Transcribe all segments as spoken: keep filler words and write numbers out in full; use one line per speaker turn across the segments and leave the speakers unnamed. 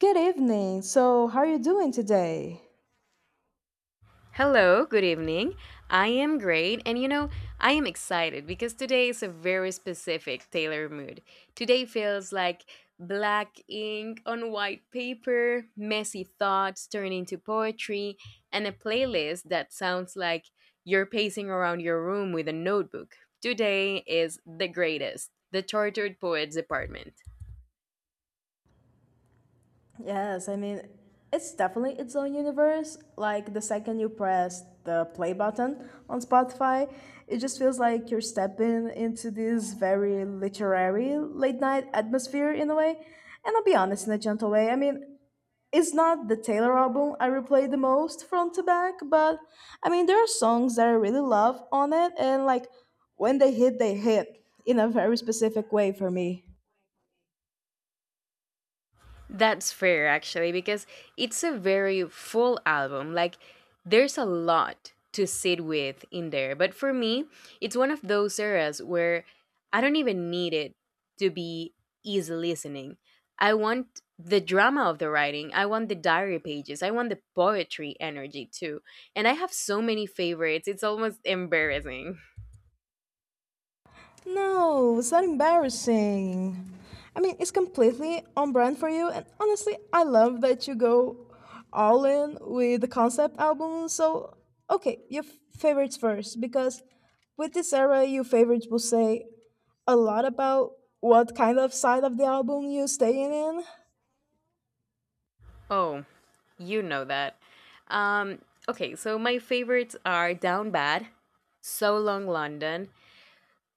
Good evening. So, how are you doing today?
Hello, good evening. I am great, and you know, I am excited because today is a very specific Taylor mood. Today feels like black ink on white paper, messy thoughts turned into poetry, and a playlist that sounds like you're pacing around your room with a notebook. Today is the greatest, the Tortured Poets Department.
Yes, I mean, it's definitely its own universe. Like the
Like the
second you
second
press
to
the play
last, the
button
play
on
button on
Spotify, it just
Spotify.
feels like you're
It just feels
stepping
like you're
into
stepping
this
into this
very
very literary
literary late night
late
atmosphere in a
night
way.
atmosphere in
And
a
I'll be
way.
honest, in a
And
gentle
I'll be
way, I
honest,
mean,
I
it's
mean,
not the Taylor
it's not
album I replay the most front to back, but I mean, there are
the.
songs that I really love on it, and like when they hit, they hit in a very specific way for me.
That's fair, actually, because it's a very full album. Like, there's a lot to sit with in there. But for me, it's one of those eras where I don't even need it to be easy listening. I want the drama of the writing, I want the diary pages, I want the poetry energy too. And I have so many favorites, it's almost embarrassing.
No, it's not embarrassing. I mean, it's completely on brand for you, and honestly, I love that you go all in with the concept album. So, okay, your f- favorites first, because with this era, your favorites will say a lot about what kind of side of the album you're staying in.
Oh, you know that. Um, okay, so my favorites are Down Bad, So Long London,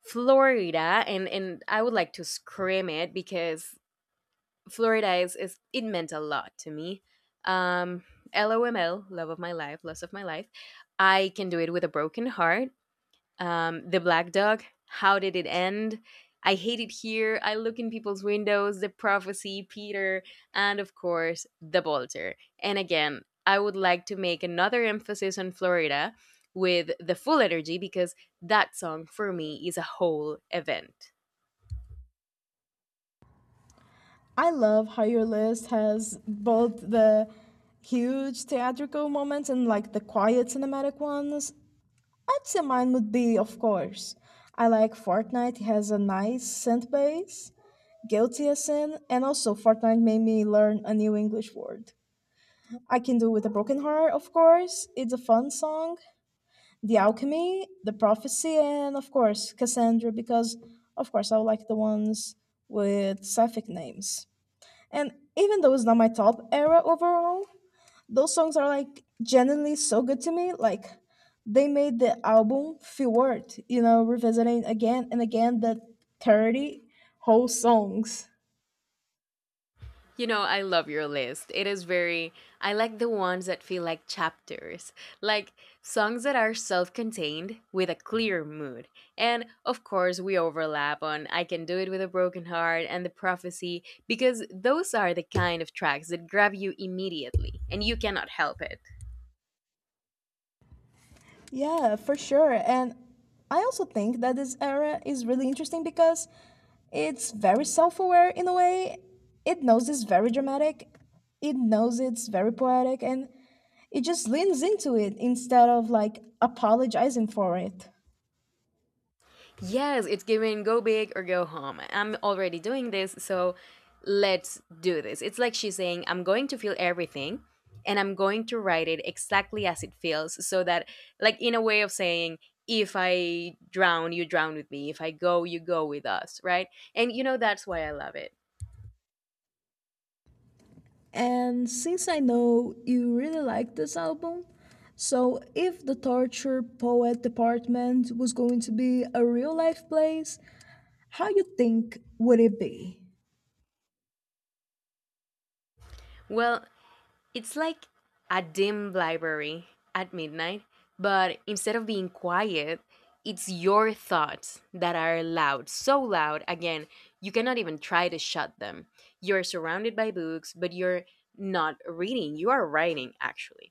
Florida, and and I would like to scream it because Florida is, is it meant a lot to me. Um, L O M L, love of my life, loss of my life. I can do it with a broken heart, um, The Black Dog. How did it end? I hate it here. I look in people's windows. The Prophecy, Peter, and of course, The Bolter. And again, I would like to make another emphasis on Florida with the full energy because that song for me is a whole event.
I love how your list has both the huge theatrical moments and like the quiet cinematic ones. I'd say mine would be, of course. I like Fortnite, it has a nice synth bass, guilty as sin, and also Fortnite made me learn a new English word. I Can Do With a Broken Heart, of course, it's a fun song, The Alchemy, The Prophecy, and of course Cassandra, because of course I like the ones with sapphic names. And even though it's not my top era overall, those songs are like genuinely so good to me. Like they made the album feel worth, you know, revisiting again and again the thirty whole songs.
You know, I love your list. It is very, I like the ones that feel like chapters, like songs that are self contained with a clear mood. And of course, we overlap on I Can Do It With a Broken Heart and The Prophecy, because those are the kind of tracks that grab you immediately and you cannot help it.
Yeah, for sure. And I also think that this era is really interesting because it's very self aware in a way. It knows it's very dramatic, it knows it's very poetic, and it just leans into it instead of like apologizing for it.
Yes, it's given go big or go home. I'm already doing this, so let's do this. It's like she's saying, I'm going to feel everything and I'm going to write it exactly as it feels, so that, like, in a way of saying, if I drown, you drown with me. If I go, you go with us, right? And you know, that's why I love it.
And since I know you really like this album, so if the torture poet department was going to be a real life place, how you think would it be?
Well, it's like a dim library at midnight, but instead of being quiet, it's your thoughts that are loud, so loud, again, you cannot even try to shut them. You're surrounded by books, but you're not reading, you are writing actually.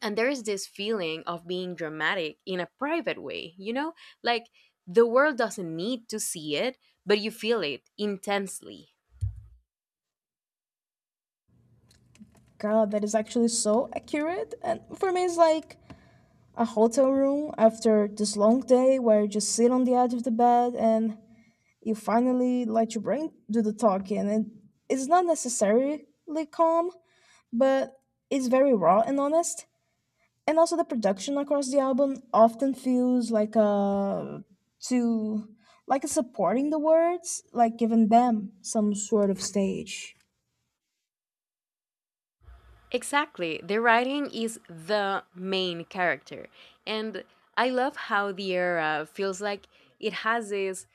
And there is this feeling of being dramatic in a private way, you know? Like the world doesn't need to see it, but you feel it intensely.
God, that is actually so accurate. And for me, it's like a hotel room after this long day where you just sit on the edge of the bed and you finally let your brain do the talking. And it's not necessarily calm, but it's very raw and honest. And also the production across the album often feels like a to like a supporting the words like giving them some sort of stage.
Exactly. The writing is the main character. And I love how the era feels like it has this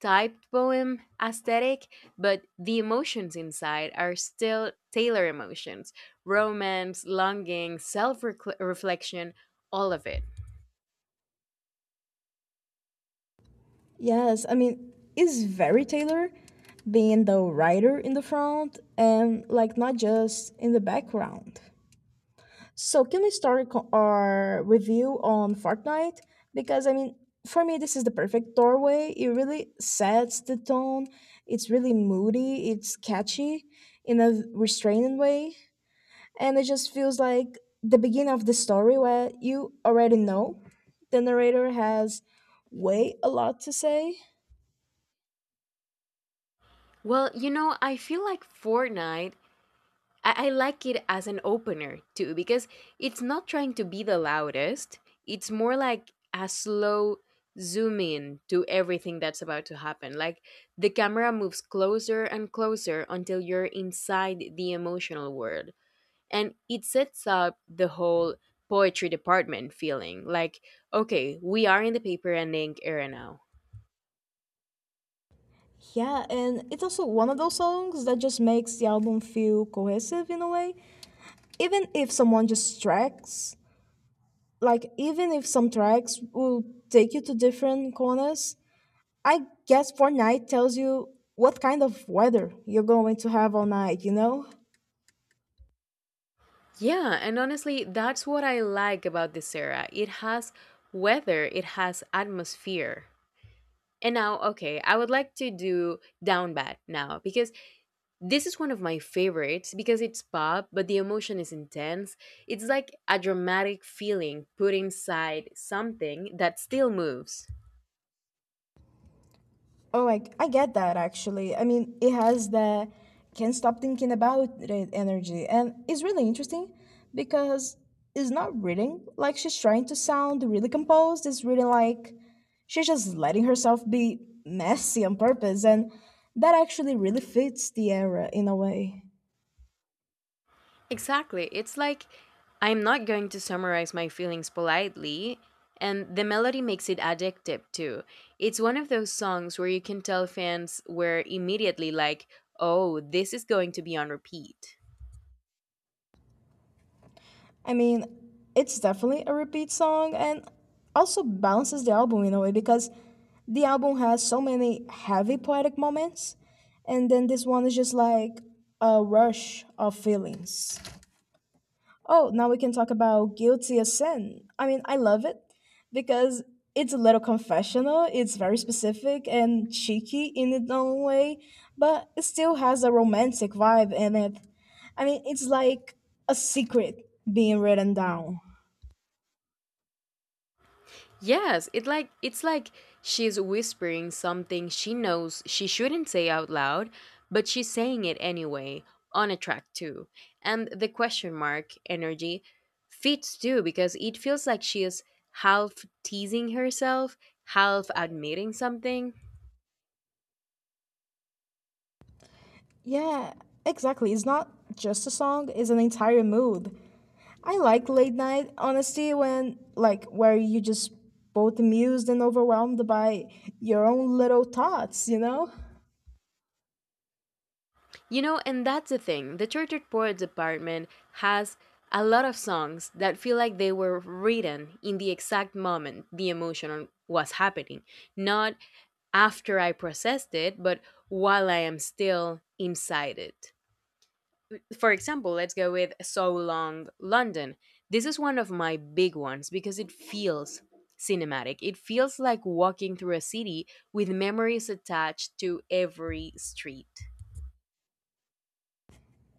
typed poem aesthetic, but the emotions inside are still Taylor emotions romance, longing, self reflection, all of it.
Yes, I mean it's very Taylor, being the writer in the front and like not just in the background. So can we start co- our review on Fortnite? Because I mean, for me, this is the perfect doorway. It really sets the tone. It's really moody. It's catchy in a restraining way, and it just feels like the beginning of the story where you already know the narrator has way a lot to say.
Well, you know, I feel like Fortnite I, I like it as an opener too because it's not trying to be the loudest. It's more like a slow zoom in to everything that's about to happen. Like the camera moves closer and closer until you're inside the emotional world. And it sets up the whole poetry department feeling like, okay, we are in the paper and ink era now.
Yeah, and it's also one of those songs that just makes the album feel cohesive in a way. Even if someone just tracks like even if some tracks will take you to different corners, I guess Fortnite tells you what kind of weather you're going to have all night you know
Yeah, and honestly, that's what I like about this era. It has weather, it has atmosphere. And now, okay, I would like to do Down Bad now because this is one of my favorites because it's pop, but the emotion is intense. It's like a dramatic feeling put inside something that still moves.
Oh, like I get that actually. I mean it has the can't stop thinking about it energy and it's really interesting because it's not reading like she's trying to sound really composed, it's really like she's just letting herself be messy on purpose and that actually really fits the era in a way.
Exactly. It's like I'm not going to summarize my feelings politely, and the melody makes it addictive too. It's one of those songs where you can tell fans were immediately like, oh, this is going to be on repeat.
I mean, it's definitely a repeat song and also balances the album in a way because the album has so many heavy poetic moments, and then this one is just like a rush of feelings. Oh, now we can talk about Guilty as Sin. I mean, I love it because it's a little confessional, it's very specific and cheeky in its own way, but it still has a romantic vibe in it. I mean, it's like a secret being written down.
Yes, it like it's like she's whispering something she knows she shouldn't say out loud, but she's saying it anyway on a track too. And the question mark energy fits too because it feels like she is half teasing herself, half admitting something.
Yeah, exactly. It's not just a song, it's an entire mood. I like late night honestly, when like where you just both amused and overwhelmed by your own little thoughts, you know?
You know, and that's the thing. The Tortured Poets Department has a lot of songs that feel like they were written in the exact moment the emotion was happening, not after I processed it, but while I am still inside it. For example, let's go with So Long London. This is one of my big ones because it feels cinematic. It feels like walking through a city with memories attached to every street.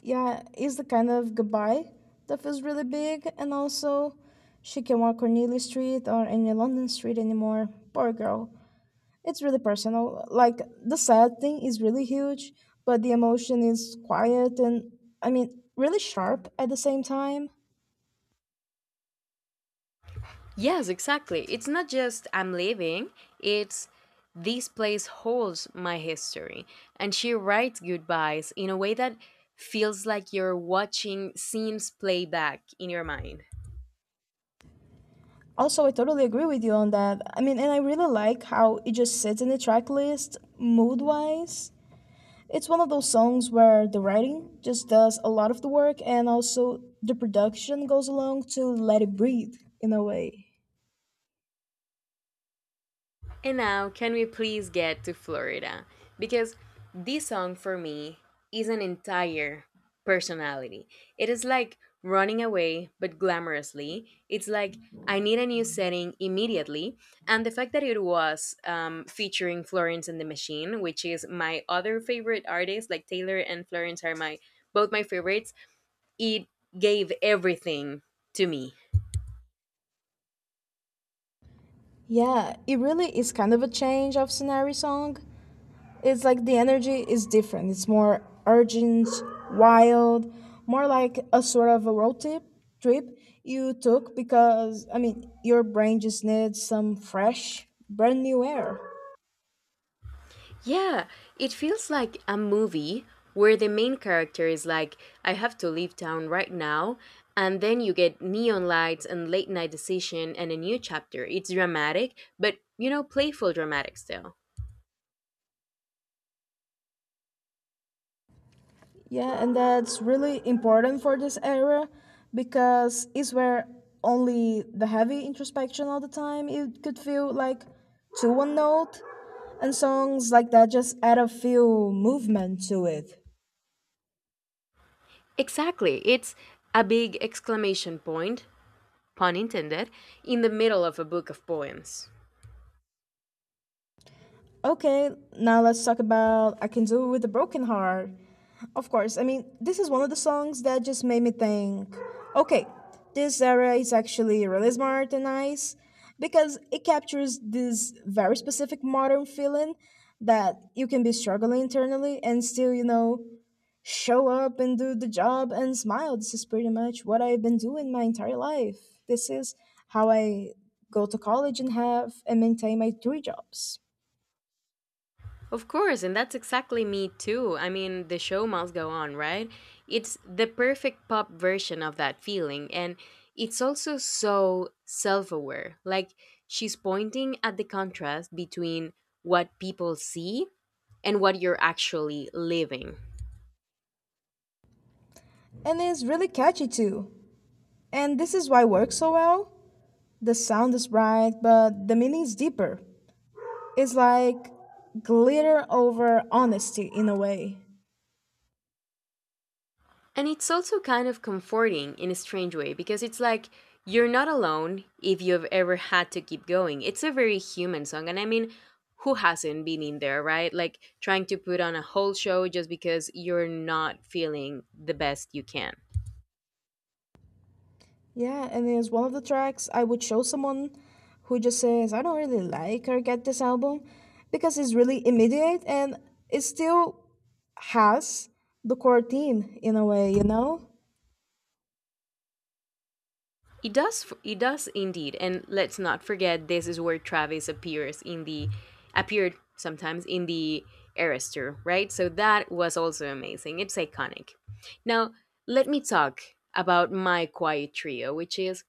Yeah, it's the kind of goodbye that feels really big and also she can walk Cornelia Street or any London street anymore. Poor girl. It's really personal. Like the sad thing is really huge, but the emotion is quiet and I mean really sharp at the same time.
Yes, exactly. It's not just I'm leaving, it's this place holds my history. And she writes goodbyes in a way that feels like you're watching scenes play back in your mind.
Also, I totally agree with you on that. I mean, and I really like how it just sits in the track list mood wise. It's one of those songs where the writing just does a lot of the work and also the production goes along to let it breathe in a way.
And now, can we please get to Florida? Because this song for me is an entire personality. It is like running away, but glamorously. It's like I need a new setting immediately. And the fact that it was um, featuring Florence and the Machine, which is my other favorite artist, like Taylor and Florence are my both my favorites, it gave everything to me.
Yeah, it really is kind of a change of scenery song. It's like the energy is different. It's more urgent, wild, more like a sort of a road trip trip you took because I mean your brain just needs some fresh, brand new air.
Yeah, it feels like a movie where the main character is like, I have to leave town right now. And then you get neon lights and late night decision and a new chapter. It's dramatic, but you know, playful dramatic still.
Yeah, and that's really important for this era because it's where only the heavy introspection all the time it could feel like to one note and songs like that just add a few movement to it.
Exactly. It's a big exclamation point, pun intended, in the middle of a book of poems.
Okay, now let's talk about I Can Do It With a Broken Heart. Of course, I mean, this is one of the songs that just made me think, okay, this era is actually really smart and nice because it captures this very specific modern feeling that you can be struggling internally and still, you know, show up and do the job and smile. This is pretty much what I've been doing my entire life. This is how I go to college and have and maintain my three jobs.
Of course, and that's exactly me too. I mean, the show must go on, right? It's the perfect pop version of that feeling, and it's also so self aware. Like, she's pointing at the contrast between what people see and what you're actually living.
And it's really catchy too. And this is why it works so well. The sound is bright, but the meaning is deeper. It's like glitter over honesty in a way.
And it's also kind of comforting in a strange way because it's like you're not alone if you've ever had to keep going. It's a very human song. And I mean, who hasn't been in there, right? Like trying to put on a whole show just because you're not feeling the best you can.
Yeah, and it's one of the tracks I would show someone who just says, I don't really like or get this album, because it's really immediate and it still has the core theme in a way, you know?
It does. It does indeed. And let's not forget, this is where Travis appears in the appeared sometimes in the Arrestor, right? So that was also amazing. It's iconic. Now let me talk about my quiet trio, which is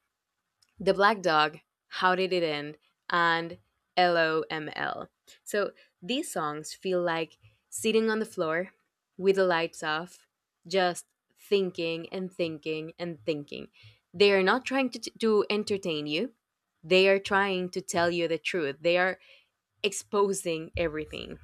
the Black Dog, How Did It End, and L O M L. So these songs feel like sitting on the floor with the lights off, just thinking and thinking and thinking. They are not trying to, to entertain you, they are trying to tell you the truth. They are exposing everything.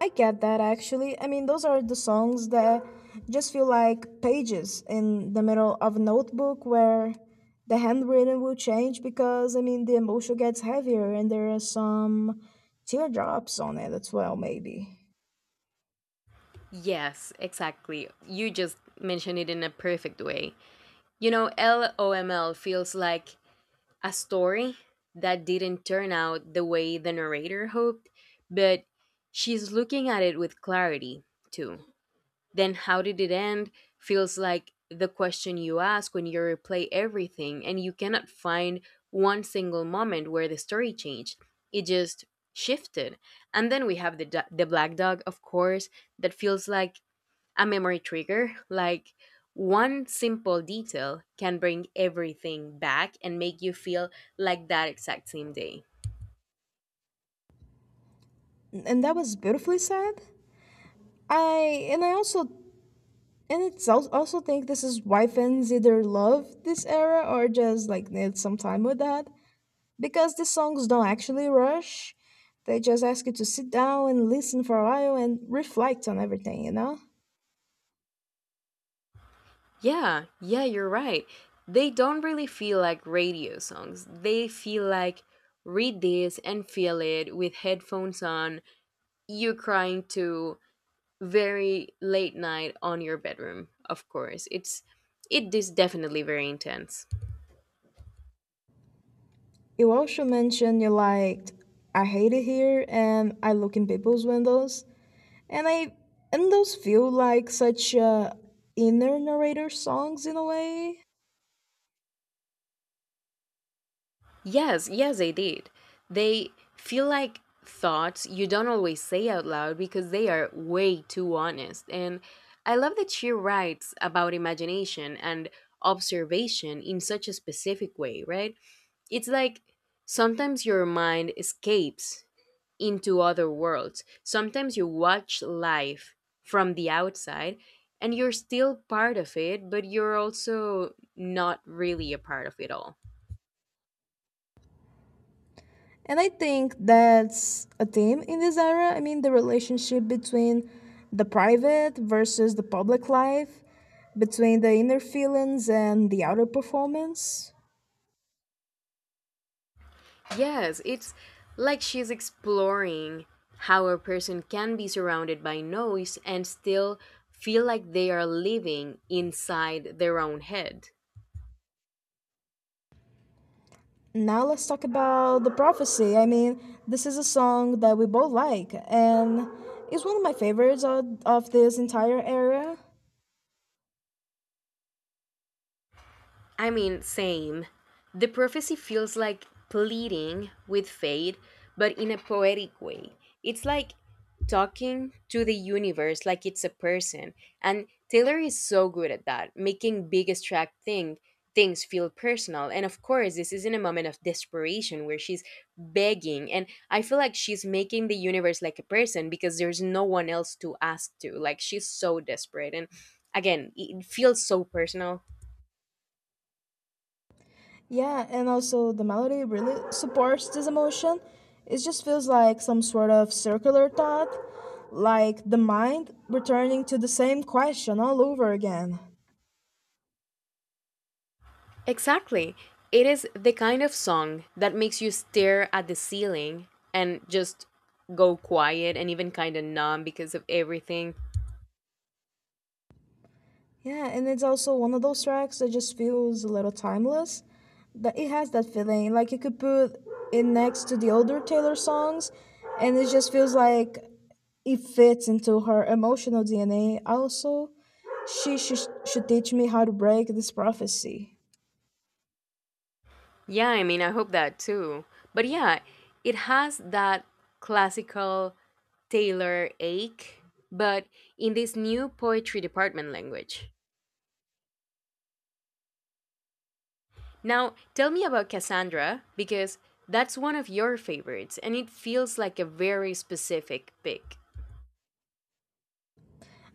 I get that actually. I mean, those are the songs that just feel like pages in the middle of a notebook where the handwriting will change because, I mean, the emotion gets heavier and there are some teardrops on it as well, maybe.
Yes, exactly. You just mentioned it in a perfect way. You know, L O M L feels like a story that didn't turn out the way the narrator hoped, but she's looking at it with clarity too. Then, how did it end? Feels like the question you ask when you replay everything and you cannot find one single moment where the story changed. It just shifted. And then we have the, do- the black dog, of course, that feels like a memory trigger. Like one simple detail can bring everything back and make you feel like that exact same day.
And that was beautifully said. I, and I also, and it's al- also think this is why fans either love this era or just like need some time with that because the songs don't actually rush. They just ask you to sit down and listen for a while and reflect on everything, you know?
Yeah, yeah, you're right. They don't really feel like radio songs. They feel like read this and feel it with headphones on, you crying to very late night on your bedroom, of course. It's it is definitely very intense.
You also mentioned you liked I Hate It Here and I Look in People's Windows. And I and those feel like such uh, inner narrator songs in a way.
Yes, yes, they did. They feel like thoughts you don't always say out loud because they are way too honest. And I love that she writes about imagination and observation in such a specific way, right? It's like sometimes your mind escapes into other worlds. Sometimes you watch life from the outside and you're still part of it, but you're also not really a part of it all.
And I think that's a theme in this era. I mean, the relationship between the private versus the public life, between the inner feelings and the outer performance.
Yes, it's like she's exploring how a person can be surrounded by noise and still feel like they are living inside their own head.
Now let's talk about The Prophecy. I mean, this is a song that we both like, and it's one of my favorites of, of this entire era.
I mean, same. The prophecy feels like pleading with fate, but in a poetic way. It's like talking to the universe like it's a person. And Taylor is so good at that, making big abstract thing things feel personal. And of course, this is in a moment of desperation where she's begging and I feel like she's making the universe like a person because there's no one else to ask to. Like she's so desperate and again, it it feels so personal.
Yeah, and also the melody really supports this emotion. It just feels like some sort of circular thought, like the mind returning to the same question all over again.
Exactly. It is the kind of song that makes you stare at the ceiling and just go quiet and even kind of numb because of everything.
Yeah, and it's also one of those tracks that just feels a little timeless. That it has that feeling. Like you could put it next to the older Taylor songs and it just feels like it fits into her emotional D N A. Also, she should, should teach me how to break this prophecy.
Yeah, I mean, I hope that too. But yeah, it has that classical Taylor ache, but in this new poetry department language. Now, tell me about Cassandra because that's one of your favorites and it feels like a very specific pick.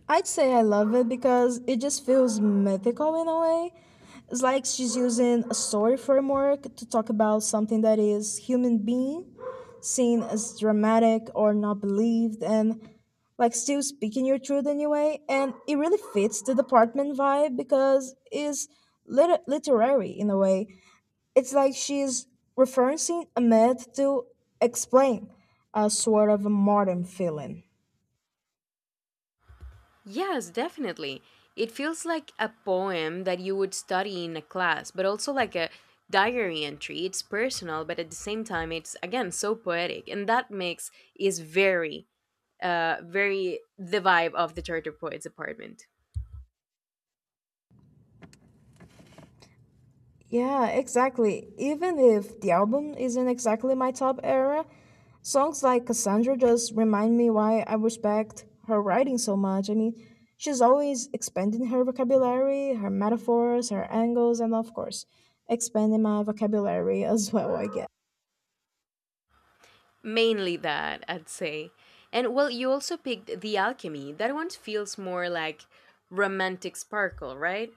I'd say I love it because it just feels mythical in a way. It's like she's using a story framework to talk about something that is human being, seen as dramatic or not believed, and like still speaking your truth anyway. And it really fits the department vibe because it's lit- literary in a way. It's like she's referencing a myth to explain a sort of a modern feeling.
Yes, definitely. It feels like a poem that you would study in a class, but also like a diary entry. It's personal, but at the same time, it's again so poetic, and that makes is very, uh, very the vibe of the Charter Poets Apartment.
Yeah, exactly. Even if the album isn't exactly my top era, songs like Cassandra just remind me why I respect her writing so much. I mean, she's always expanding her vocabulary, her metaphors, her angles, and of course, expanding my vocabulary as well, I guess.
Mainly that, I'd say. And well, you also picked The Alchemy. That one feels more like romantic sparkle, right?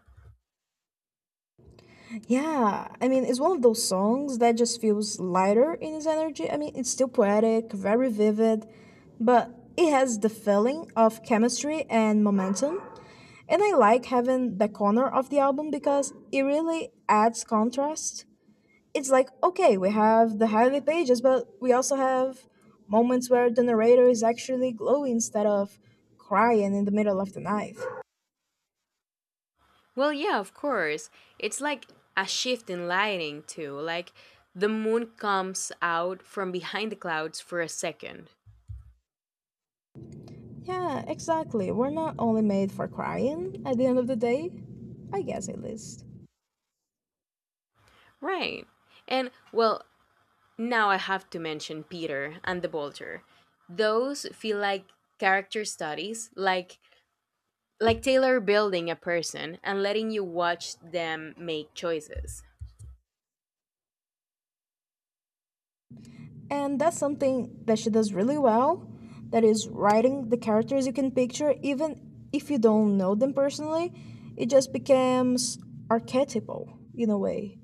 Yeah, I mean, it's one of those songs that just feels lighter in its energy. I mean, it's still poetic, very vivid, but it has the feeling of chemistry and momentum. And I like having the corner of the album because it really adds contrast. It's like, okay, we have the highlight pages, but we also have moments where the narrator is actually glowing instead of crying in the middle of the night.
Well, yeah, of course. It's like a shift in lighting, too. Like the moon comes out from behind the clouds for a second.
Yeah, exactly. We're not only made for crying at the end of the day. I guess at least.
Right. And, well, now I have to mention Peter and the Vulture. Those feel like character studies, like like Taylor building a person and letting you watch them make choices.
And that's something that she does really well. That is writing the characters you can picture, even if you don't know them personally. It just becomes archetypal in a way.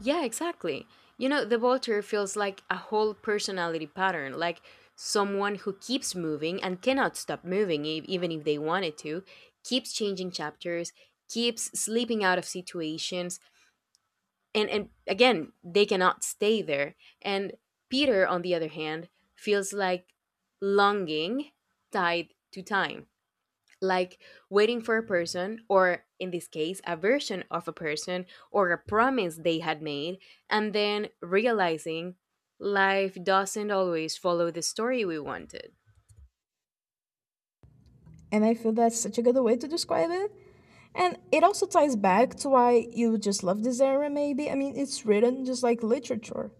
Yeah, exactly. You know, the Voltaire feels like a whole personality pattern, like someone who keeps moving and cannot stop moving, e- even if they wanted to, keeps changing chapters, keeps slipping out of situations, and, and again, they cannot stay there. And Peter, on the other hand, feels like longing tied to time like waiting for a person, or in this case, a version of a person or a promise they had made, and then realizing life doesn't always follow the story we wanted.
And I feel that's such a good way to describe it. And it also ties back to why you just love this era, maybe. I mean, it's written just like literature.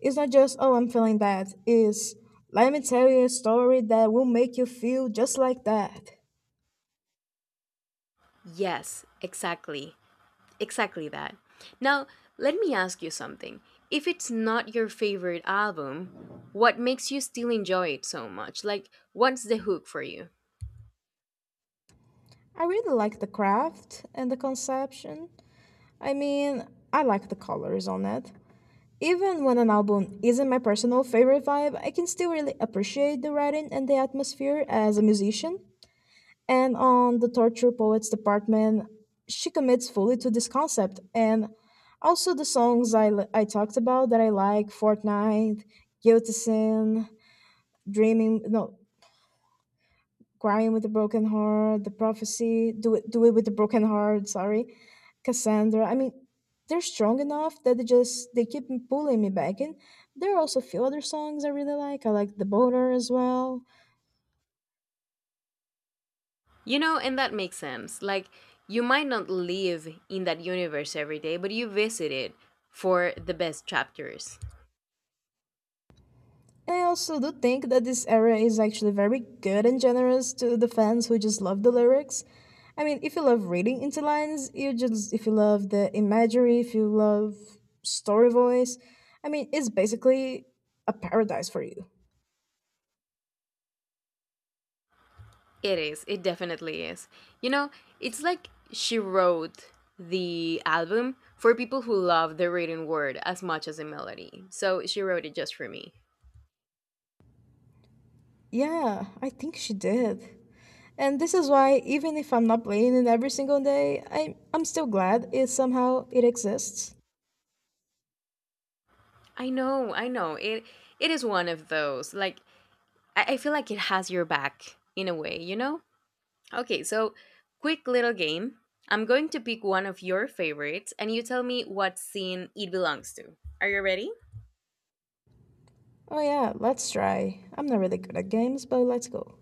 It's not just, oh, I'm feeling bad. It's, let me tell you a story that will make you feel just like that.
Yes, exactly. Exactly that. Now, let me ask you something. If it's not your favorite album, what makes you still enjoy it so much? Like, what's the hook for you?
I really like the craft and the conception. I mean, I like the colors on it. Even when an album isn't my personal favorite vibe, I can still really appreciate the writing and the atmosphere as a musician. And on the Torture Poets department, she commits fully to this concept. And also the songs I I talked about that I like Fortnite, Guilty Sin, Dreaming, no, crying with a broken heart, the prophecy, do it, do it with a broken heart. Sorry, Cassandra. I mean, they're strong enough that they just they keep m- pulling me back in. There are also a few other songs I really like. I like the boater as well.
You know, and that makes sense. Like, you might not live in that universe every day, but you visit it for the best chapters.
And I also do think that this era is actually very good and generous to the fans who just love the lyrics. I mean, if you love reading into lines, you just if you love the imagery, if you love story voice, I mean, it's basically a paradise for you.
It is. It definitely is. You know, it's like she wrote the album for people who love the written word as much as the melody. So she wrote it just for me.
Yeah, I think she did. And this is why even if I'm not playing it every single day, I I'm still glad it somehow it exists.
I know, I know. It it is one of those. Like I, I feel like it has your back in a way, you know? Okay, so quick little game. I'm going to pick one of your favorites and you tell me what scene it belongs to. Are you ready?
Oh yeah, let's try. I'm not really good at games, but let's go.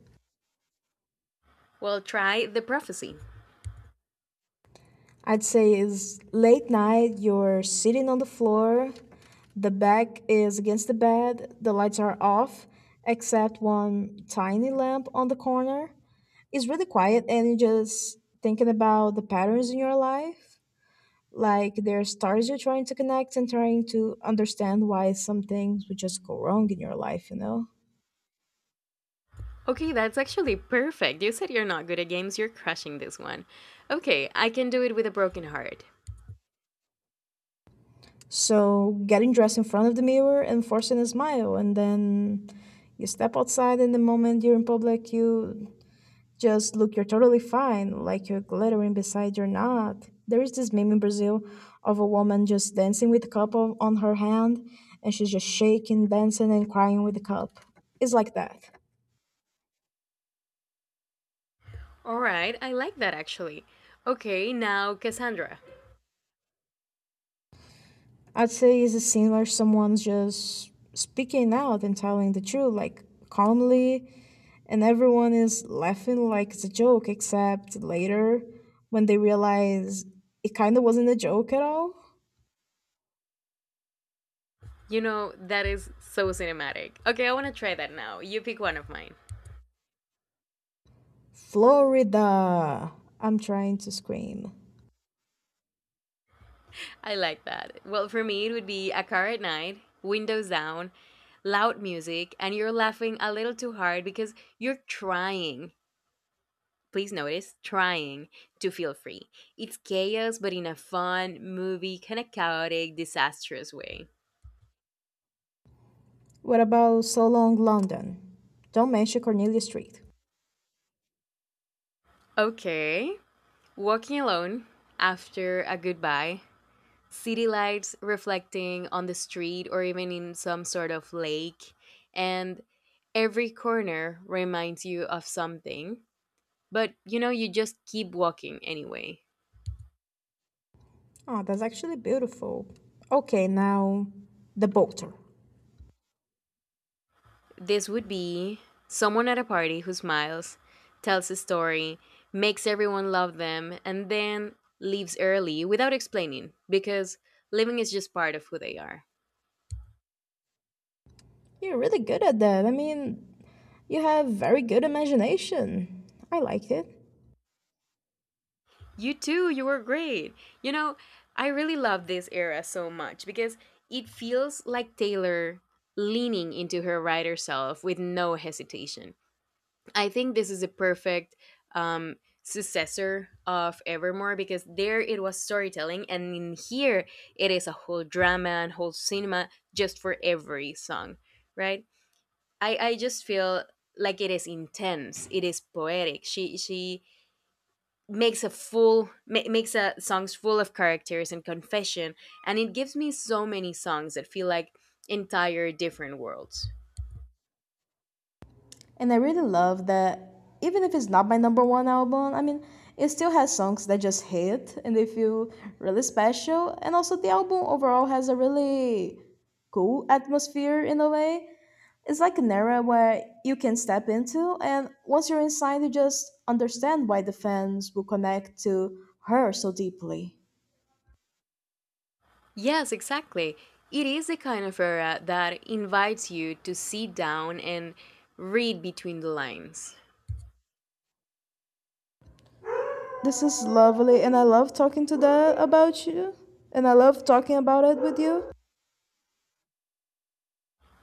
Well, try the prophecy.
I'd say is late night, you're sitting on the floor, the back is against the bed, the lights are off, except one tiny lamp on the corner. It's really quiet and you're just thinking about the patterns in your life. Like there are stars you're trying to connect and trying to understand why some things would just go wrong in your life, you know?
Okay, that's actually perfect. You said you're not good at games, you're crushing this one. Okay, I can do it with a broken heart.
So getting dressed in front of the mirror and forcing a smile and then you step outside and the moment you're in public, you just look you're totally fine, like you're glittering beside you're not. There is this meme in Brazil of a woman just dancing with a cup of, on her hand and she's just shaking, dancing and crying with the cup. It's like that.
All right, I like that actually. Okay, now Cassandra.
I'd say it's a scene where someone's just speaking out and telling the truth, like calmly, and everyone is laughing like it's a joke, except later when they realize it kind of wasn't a joke at all.
You know, that is so cinematic. Okay, I want to try that now. You pick one of mine.
Florida! I'm trying to scream.
I like that. Well, for me, it would be a car at night, windows down, loud music, and you're laughing a little too hard because you're trying. Please notice, trying to feel free. It's chaos, but in a fun, movie, kind of chaotic, disastrous way.
What about So Long London? Don't mention Cornelia Street.
Okay. Walking alone after a goodbye. City lights reflecting on the street or even in some sort of lake. And every corner reminds you of something. But you know, you just keep walking anyway.
Oh, that's actually beautiful. Okay, now the boater.
This would be someone at a party who smiles, tells a story, makes everyone love them, and then leaves early without explaining because living is just part of who they are.
You're really good at that. I mean, you have very good imagination. I like it.
You too, you were great. You know, I really love this era so much because it feels like Taylor leaning into her writer self with no hesitation. I think this is a perfect um, successor of Evermore because there it was storytelling, and in here it is a whole drama and whole cinema just for every song, right? I, I just feel like it is intense. It is poetic. She she makes a full ma- makes a songs full of characters and confession, and it gives me so many songs that feel like entire different worlds.
And I really love that even if it's not my number one album, I mean, it still has songs that just hit and they feel really special. And also, the album overall has a really cool atmosphere in a way. It's like an era where you can step into, and once you're inside, you just understand why the fans will connect to her so deeply.
Yes, exactly. It is the kind of era that invites you to sit down and read between the lines.
This is lovely, and I love talking to that about you, and I love talking about it with you.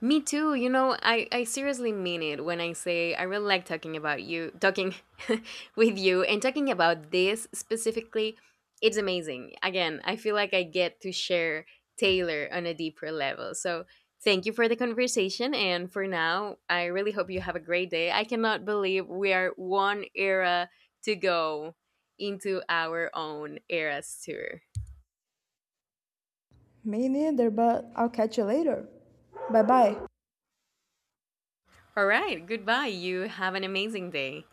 Me too. You know, I, I seriously mean it when I say I really like talking about you, talking with you, and talking about this specifically. It's amazing. Again, I feel like I get to share Taylor on a deeper level. So thank you for the conversation. And for now, I really hope you have a great day. I cannot believe we are one era to go into our own eras tour.
Me neither, but I'll catch you later. Bye bye.
All right. Goodbye. You have an amazing day.